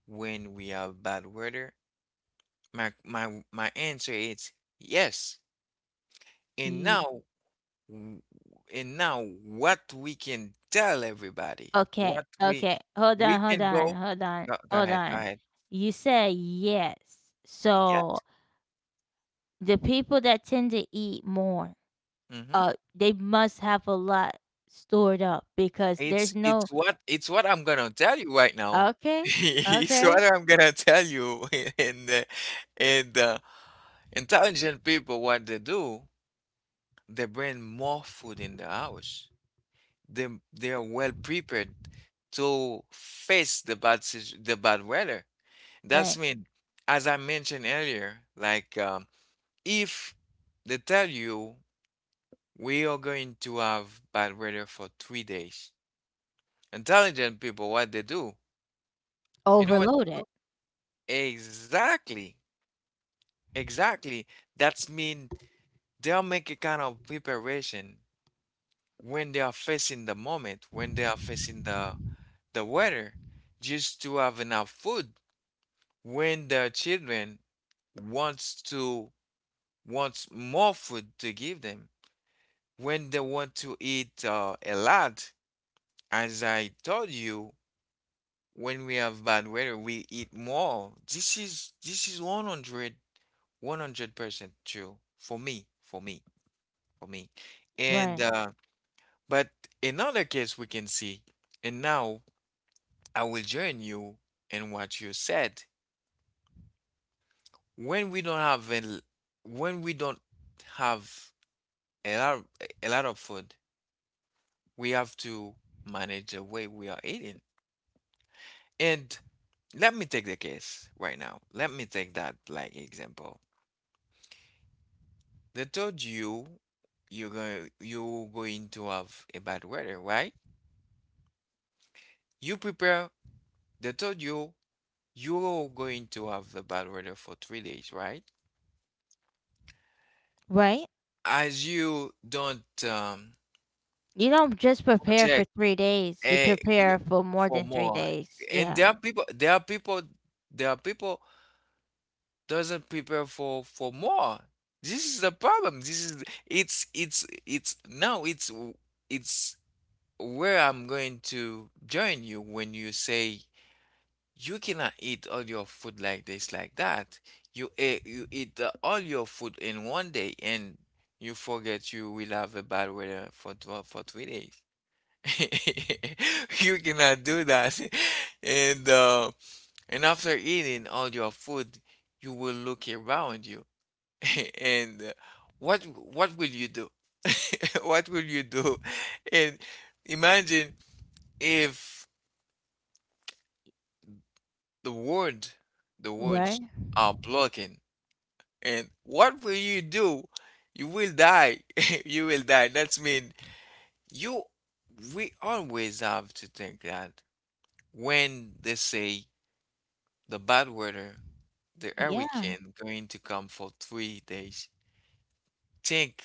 [SPEAKER 2] when we have bad weather? My my answer is yes. And
[SPEAKER 1] Ye-
[SPEAKER 2] now w- and now what we can tell everybody,
[SPEAKER 1] okay.
[SPEAKER 2] what we—
[SPEAKER 1] Okay. Hold
[SPEAKER 2] we
[SPEAKER 1] on. Hold
[SPEAKER 2] can
[SPEAKER 1] on.
[SPEAKER 2] go—
[SPEAKER 1] Hold on.
[SPEAKER 2] go, go
[SPEAKER 1] Hold
[SPEAKER 2] ahead, go
[SPEAKER 1] on.
[SPEAKER 2] ahead.
[SPEAKER 1] You said yes.
[SPEAKER 2] Yes.
[SPEAKER 1] So the people that tend to eat more,
[SPEAKER 2] Hmm.
[SPEAKER 1] they must have a lot stored up, because there's no,
[SPEAKER 2] It's what I'm gonna tell you right now. <laughs>
[SPEAKER 1] okay,
[SPEAKER 2] It's what
[SPEAKER 1] okay,
[SPEAKER 2] I'm gonna tell you. <laughs> And and intelligent people, what they do: they bring more food in the house. They are well prepared to face the bad weather. That's
[SPEAKER 1] right,
[SPEAKER 2] mean, as I mentioned earlier, like if they tell you we are going to have bad weather for 3 days, intelligent people, what they do, you know what they do?
[SPEAKER 1] overloaded,
[SPEAKER 2] Exactly, exactly. That's mean they'll make a kind of preparation when they are facing the moment, when they are facing the weather, just to have enough food when the children wants to, wants more food to give them, when they want to eat a lot. As I told you, when we have bad weather, we eat more. This is this is 100% true for me, for me, for me.
[SPEAKER 1] right,
[SPEAKER 2] And but another case we can see, and now I will join you in what you said: when we don't have when we don't have a lot, a lot of food, we have to manage the way we are eating. And let me take the case right now. Let me take that like example. They told you you're going, you're going to have a bad weather, right? You prepare. They told you you're going to have the bad weather for 3 days, right?
[SPEAKER 1] right,
[SPEAKER 2] As you don't
[SPEAKER 1] you don't just prepare for
[SPEAKER 2] project
[SPEAKER 1] 3 days, you
[SPEAKER 2] And you
[SPEAKER 1] prepare for more
[SPEAKER 2] for
[SPEAKER 1] than three
[SPEAKER 2] more.
[SPEAKER 1] days
[SPEAKER 2] And
[SPEAKER 1] yeah,
[SPEAKER 2] there are people there are people doesn't prepare for more. This is the problem. This is it's now it's where I'm going to join you when you say you cannot eat all your food like that. You eat all your food in 1 day and you forget you will have a bad weather for 3 days. <laughs> You cannot do that. <laughs> And uh, and after eating all your food, you will look around you. <laughs> And what what will you do? <laughs> What will you do? And imagine if the word, the words
[SPEAKER 1] right,
[SPEAKER 2] are blocking. And what will you do? You will die. <laughs> You will die. That's mean you we always have to think that when they say the bad weather, the
[SPEAKER 1] yeah,
[SPEAKER 2] hurricane going to come for 3 days. Think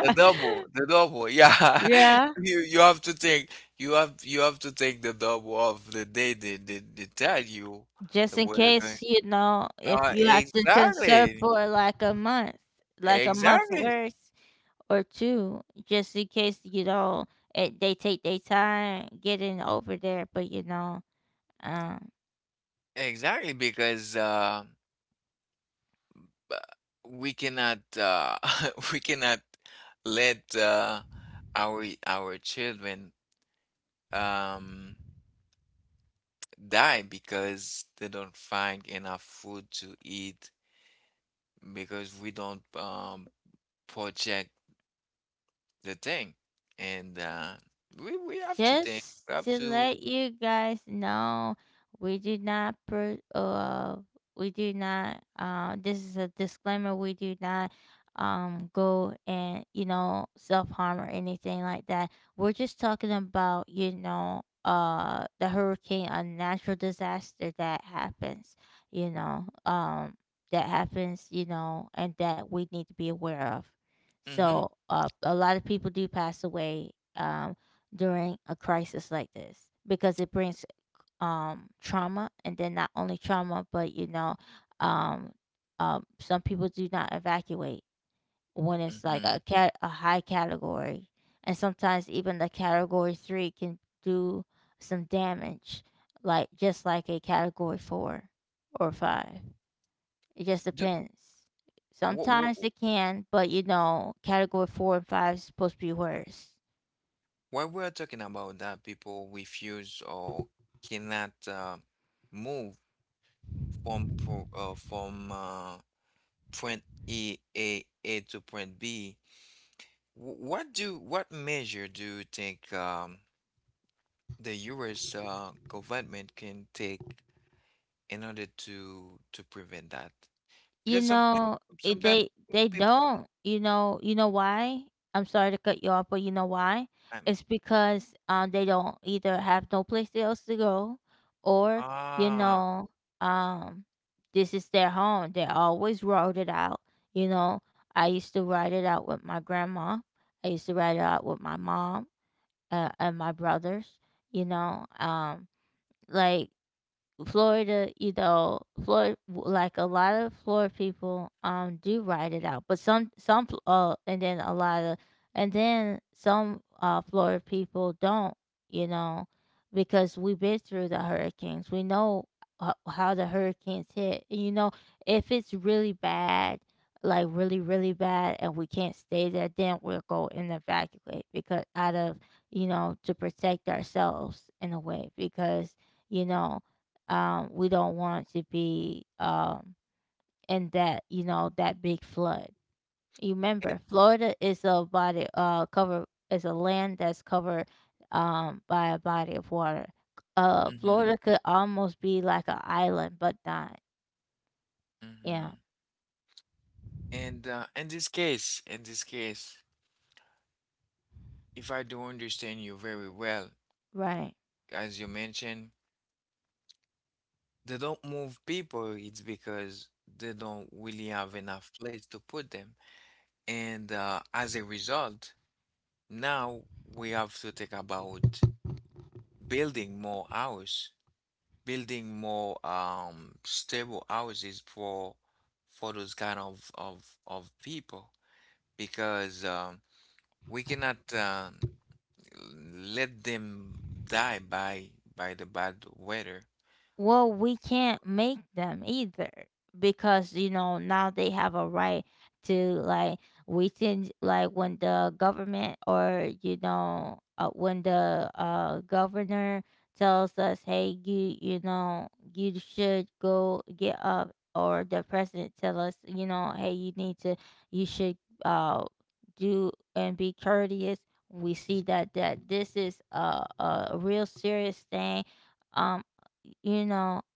[SPEAKER 2] the double, the double. Yeah,
[SPEAKER 1] yeah,
[SPEAKER 2] <laughs> you have to take you have to take the double of the day they tell you
[SPEAKER 1] just
[SPEAKER 2] the
[SPEAKER 1] in
[SPEAKER 2] weather going.
[SPEAKER 1] case you know, if
[SPEAKER 2] Uh,
[SPEAKER 1] you have to conserve
[SPEAKER 2] exactly,
[SPEAKER 1] for like a month, like a month's
[SPEAKER 2] exactly,
[SPEAKER 1] worth, or two, just in case you know. It they take their time getting over there. But you know, um,
[SPEAKER 2] exactly. Because b- we cannot <laughs> we cannot let our children um. die because they don't find enough food to eat because we don't project the thing. And we have to think,
[SPEAKER 1] just
[SPEAKER 2] we have
[SPEAKER 1] to
[SPEAKER 2] to
[SPEAKER 1] let you guys know, we do not pro- uh we do not this is a disclaimer. We do not go and you know self harm or anything like that. We're just talking about, you know, the hurricane, a natural disaster that happens. You know, that happens. You know, and that we need to be aware of.
[SPEAKER 2] mm-hmm,
[SPEAKER 1] So a lot of people do pass away um during a crisis like this, because it brings trauma, and then not only trauma, but you know, um some people do not evacuate when it's like
[SPEAKER 2] mm-hmm.
[SPEAKER 1] a cat a high category. And sometimes even the category 3 can do some damage, like just like a category 4 or 5, it just
[SPEAKER 2] Do,
[SPEAKER 1] depends.
[SPEAKER 2] wh-
[SPEAKER 1] Sometimes
[SPEAKER 2] wh-
[SPEAKER 1] it can, but you know category 4 and 5 is supposed to be worse.
[SPEAKER 2] while we're talking about that, people refuse or cannot move from point EAA to point B. What do what measure do you think the US government can take in order to prevent that?
[SPEAKER 1] You
[SPEAKER 2] Because sometimes
[SPEAKER 1] know,
[SPEAKER 2] sometimes
[SPEAKER 1] they
[SPEAKER 2] people people
[SPEAKER 1] don't. You know why? I'm sorry to cut you off, but you know why?
[SPEAKER 2] um,
[SPEAKER 1] It's because they don't either have no place else to go, or you
[SPEAKER 2] ah
[SPEAKER 1] know, um this is their home. They always wrote it out. You know, I used to write it out with my grandma. I used to write it out with my mom, and my brothers. You know, like Florida, you know, Florida, like a lot of Florida people, do ride it out, but some, and then a lot of, and then some, Florida people don't, you know, because we've been through the hurricanes. We know how the hurricanes hit. You know, if it's really bad, like really, really bad, and we can't stay there, then we'll go and evacuate because out of, you know, to protect ourselves in a way, because, you know, we don't want to be in that that big flood. You
[SPEAKER 2] it
[SPEAKER 1] remember, Florida is a land that's covered by a body of water.
[SPEAKER 2] Mm-hmm,
[SPEAKER 1] Florida could almost be like an island, but not. Yeah,
[SPEAKER 2] mm-hmm. And in this case, if I do understand you very well,
[SPEAKER 1] right.
[SPEAKER 2] as you mentioned, they don't move people. It's because they don't really have enough place to put them. And as a result, now we have to think about building more house, building more stable houses for those kind of people because we cannot let them die by the bad weather.
[SPEAKER 1] Well, we can't make them either because you know now they have a right to, like, we can, like, when the government or when the governor tells us, hey, you know you should go get up, or the president tell us, you know, hey, you need to, you should, uh do and be courteous. We see that this is a real serious thing, um you know,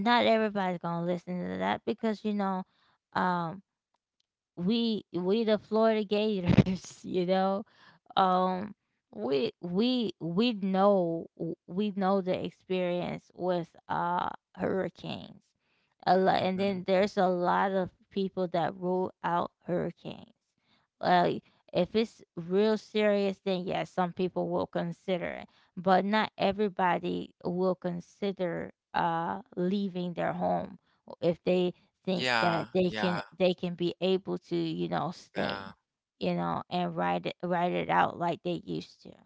[SPEAKER 1] not everybody's gonna listen to that because um, we the Florida Gators, <laughs> you know, um we know, we know the experience with hurricanes a lot, and
[SPEAKER 2] Hmm.
[SPEAKER 1] then there's a lot of people that rule out hurricanes, like, if it's real serious, then yes, some people will consider it, but not everybody will consider leaving their home if they think that
[SPEAKER 2] Yeah, yeah,
[SPEAKER 1] they can be able to, you know,
[SPEAKER 2] yeah.
[SPEAKER 1] stay, you know, and write it out like they used to.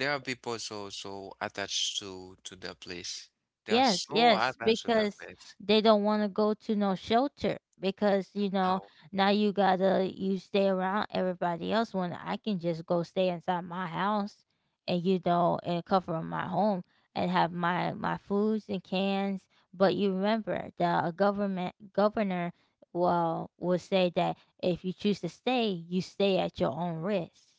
[SPEAKER 2] There are people so attached to the place. They are
[SPEAKER 1] Yes,
[SPEAKER 2] so
[SPEAKER 1] yes,
[SPEAKER 2] attached to the
[SPEAKER 1] because
[SPEAKER 2] place.
[SPEAKER 1] they don't want to go to no shelter because you know
[SPEAKER 2] Now
[SPEAKER 1] now you gotta you stay around everybody else when I can just go stay inside my house, and you know, and cover my home and have my foods and cans. But you remember the government governor well will say that if you choose to stay, you stay at your own risk.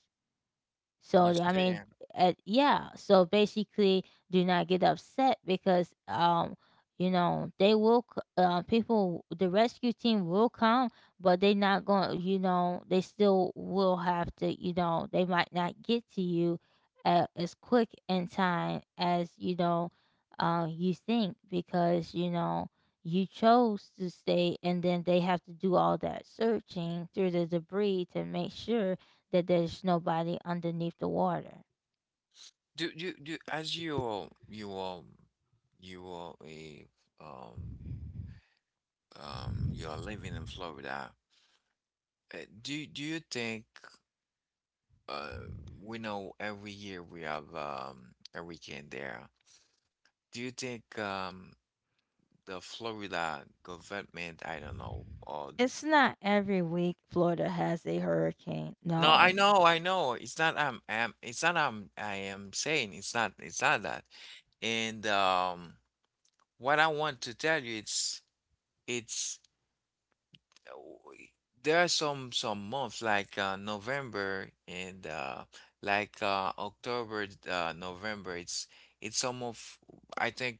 [SPEAKER 2] you
[SPEAKER 1] So I
[SPEAKER 2] stay.
[SPEAKER 1] mean,
[SPEAKER 2] In.
[SPEAKER 1] yeah. So basically, do not get upset because you know people, the rescue team will come, but they not going. You know, they still will have to. You know, they might not get to you as quick in time as you think, because you know you chose to stay, and then they have to do all that searching through the debris to make sure that there's nobody underneath the water.
[SPEAKER 2] Do do do as you are you are a um you're living in Florida. Do you think uh, we know every year we have a weekend there? Do you think the Florida government, I don't know, or
[SPEAKER 1] It's not every week Florida has a hurricane.
[SPEAKER 2] no, I
[SPEAKER 1] No.
[SPEAKER 2] know, I know. It's not I am, it's not I am saying it's not that. And what I want to tell you, it's w- there are some months like November and October, November. It's some of I think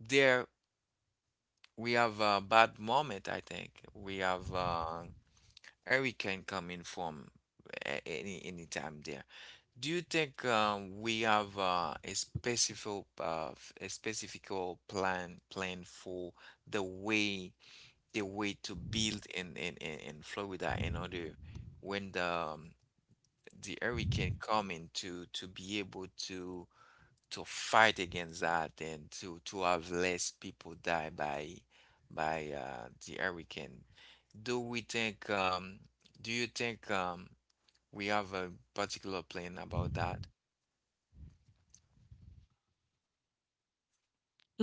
[SPEAKER 2] there we have a bad moment. I think we have hurricane coming from any time there. Do you think we have a specific a specific plan for the way? The way to build in Florida in order when the hurricane coming to be able to fight against that and to have less people die by the hurricane. Do we think um do you think we have a particular plan about that?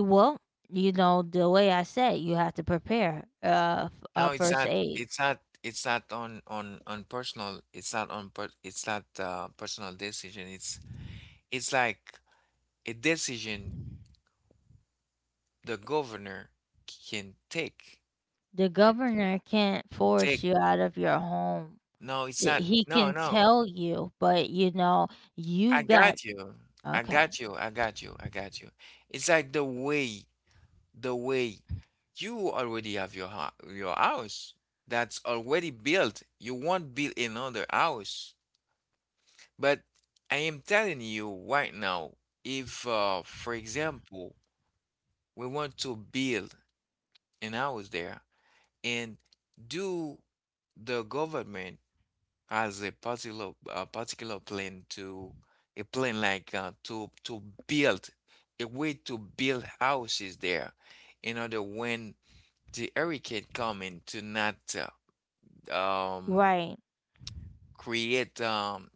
[SPEAKER 1] Well, you know, the way I said, you have to prepare
[SPEAKER 2] No,
[SPEAKER 1] first aids.
[SPEAKER 2] it's not on personal, it's not personal decision. It's like a decision the governor can take.
[SPEAKER 1] The
[SPEAKER 2] Right?
[SPEAKER 1] governor can't
[SPEAKER 2] Can take.
[SPEAKER 1] force you out of your home.
[SPEAKER 2] No, it's not.
[SPEAKER 1] He
[SPEAKER 2] No,
[SPEAKER 1] can
[SPEAKER 2] no.
[SPEAKER 1] tell you, but you know,
[SPEAKER 2] I
[SPEAKER 1] you got,
[SPEAKER 2] got you. I
[SPEAKER 1] okay,
[SPEAKER 2] got you. I got you. I got you. It's like the way you already have your ho your house that's already built. You won't build another house. But I am telling you right now, if, for example, we want to build an house there and do the government as a particular plan to a plan like to build a way to build houses there in order when the hurricane coming to not uh, um
[SPEAKER 1] right.
[SPEAKER 2] create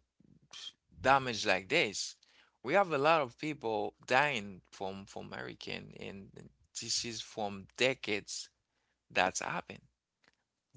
[SPEAKER 2] damage like this. We have a lot of people dying from hurricane, and this is from decades that's happened.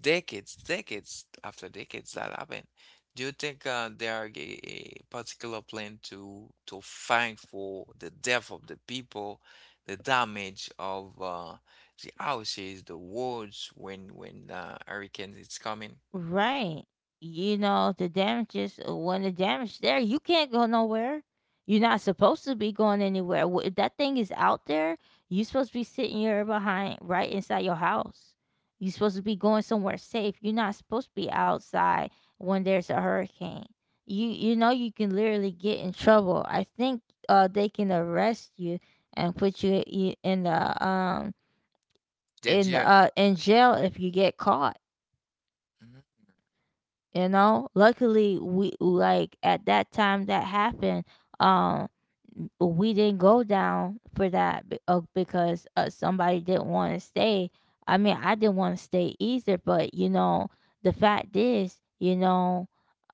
[SPEAKER 2] Decades, decades after decades that happen. Do you think there are a particular plan to find for the death of the people, the damage of the houses, the roads when hurricanes is coming?
[SPEAKER 1] Right. You know, the damages, when the damage there, you can't go nowhere. You're not supposed to be going anywhere. If that thing is out there, you're supposed to be sitting here behind, right inside your house. You're supposed to be going somewhere safe. You're not supposed to be outside when there's a hurricane. You know you can literally get in trouble. I think they can arrest you and put you in the
[SPEAKER 2] Did you?
[SPEAKER 1] in jail if you get caught. You know, luckily we, like, at that time that happened, um we didn't go down for that because somebody didn't want to stay. I mean, I didn't want to stay either, but you know, the fact is, you know,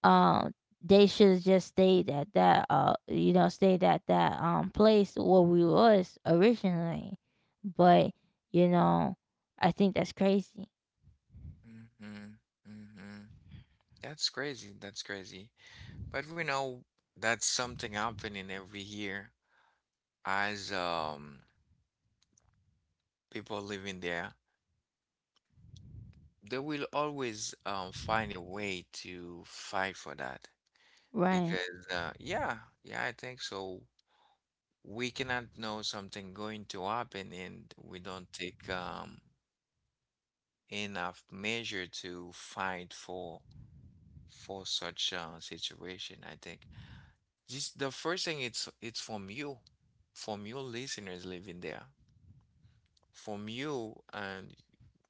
[SPEAKER 1] um they should have just stayed at that you know stayed at that place where we was originally, but you know, I think that's crazy,
[SPEAKER 2] Mm-hmm, mm-hmm. That's crazy. That's crazy. But we know that's something happening every year as people living there. They will always find a way to fight for that
[SPEAKER 1] right.
[SPEAKER 2] because yeah, yeah, I think so. We cannot know something going to happen and we don't take enough measure to fight for such situation. I think this the first thing, it's from you, from your listeners living there, from you and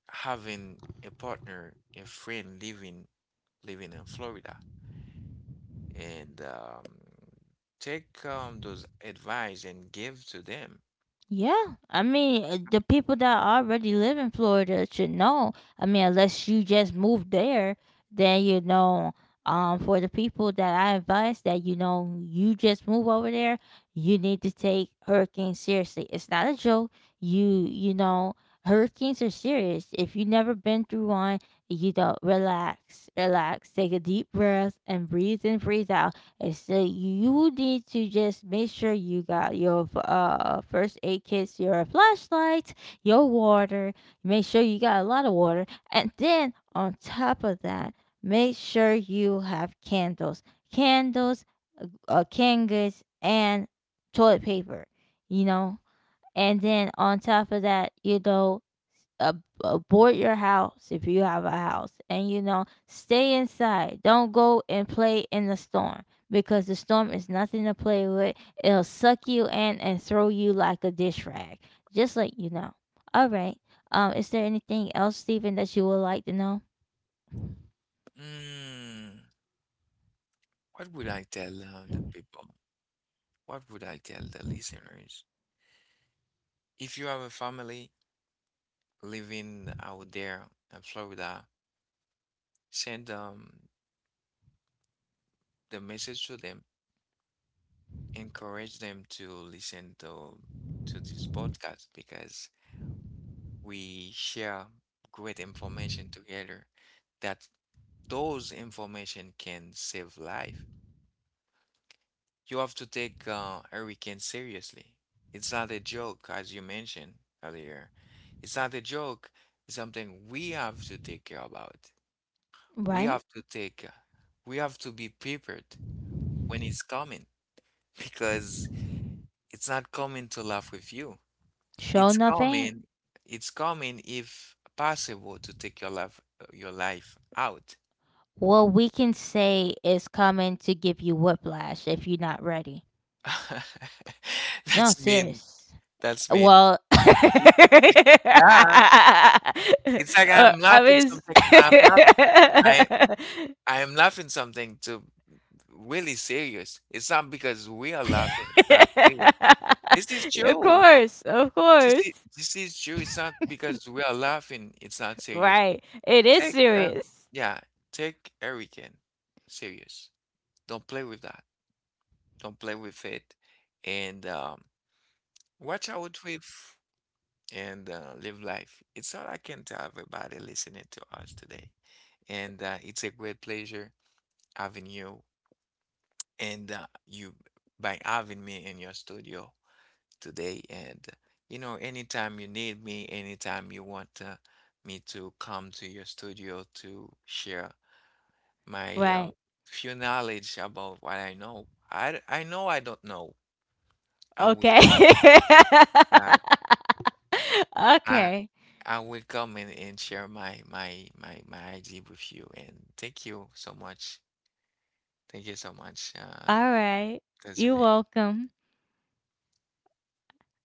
[SPEAKER 2] having a partner, a friend living living in Florida, and take those advice and give to them.
[SPEAKER 1] Yeah, I mean, the people that already live in Florida should know. I mean, unless you just moved there, then you know. For the people that I advise that you know you just move over there, you need to take hurricanes seriously. It's not a joke. You know hurricanes are serious. If you never been through one, you know, relax, relax, take a deep breath and breathe in, breathe out, and so you need to just make sure you got your first aid kits, your flashlight, your water. Make sure you got a lot of water, and then on top of that, make sure you have candles, candles, candles, and toilet paper. You know, and then on top of that, you know, abort your house if you have a house, and you know, stay inside, don't go and play in the storm, because the storm is nothing to play with. It'll suck you in and throw you like a dish rag, just let you know. All right, is there anything else, Stephen, that you would like to know?
[SPEAKER 2] Mm, what would I tell the people? What would I tell the listeners? If you have a family living out there in Florida, send the message to them. Encourage them to listen to this podcast because we share great information together. That those information can save life. You have to take hurricane seriously. It's not a joke, as you mentioned earlier. It's not a joke. It's something we have to take care about. We
[SPEAKER 1] Right.
[SPEAKER 2] have to take, we have to be prepared when it's coming <laughs> because it's not coming to laugh with you.
[SPEAKER 1] Show
[SPEAKER 2] It's
[SPEAKER 1] enough ain't.
[SPEAKER 2] coming, it's coming if possible to take your life out.
[SPEAKER 1] Well, we can say is coming to give you whiplash if you're not ready.
[SPEAKER 2] <laughs>
[SPEAKER 1] No,
[SPEAKER 2] That's mean.
[SPEAKER 1] serious.
[SPEAKER 2] That's mean.
[SPEAKER 1] Well, <laughs>
[SPEAKER 2] Yeah, it's like
[SPEAKER 1] I
[SPEAKER 2] I'm laughing
[SPEAKER 1] was,
[SPEAKER 2] something. I'm laughing. I I am laughing something to really serious. It's not because we are laughing. It's not serious. This is
[SPEAKER 1] <laughs> of
[SPEAKER 2] true.
[SPEAKER 1] course, of course.
[SPEAKER 2] This is true. It's not because we are laughing. It's not serious.
[SPEAKER 1] Right. It is
[SPEAKER 2] Take
[SPEAKER 1] serious.
[SPEAKER 2] yeah, take hurricane serious. Don't play with that. Don't play with it. And watch out with and live life. It's all I can tell everybody listening to us today. And it's a great pleasure having you and you by having me in your studio today, and you know, anytime you need me, anytime you want me to come to your studio to share my
[SPEAKER 1] Right.
[SPEAKER 2] few knowledge about what I know I know I don't know, I will
[SPEAKER 1] Okay.
[SPEAKER 2] come
[SPEAKER 1] <laughs>
[SPEAKER 2] and, I
[SPEAKER 1] Okay.
[SPEAKER 2] I will come and share my idea with you, and thank you so much, thank you so much
[SPEAKER 1] All right. You're
[SPEAKER 2] Desiree.
[SPEAKER 1] welcome.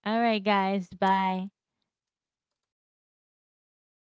[SPEAKER 1] All right, guys. Bye.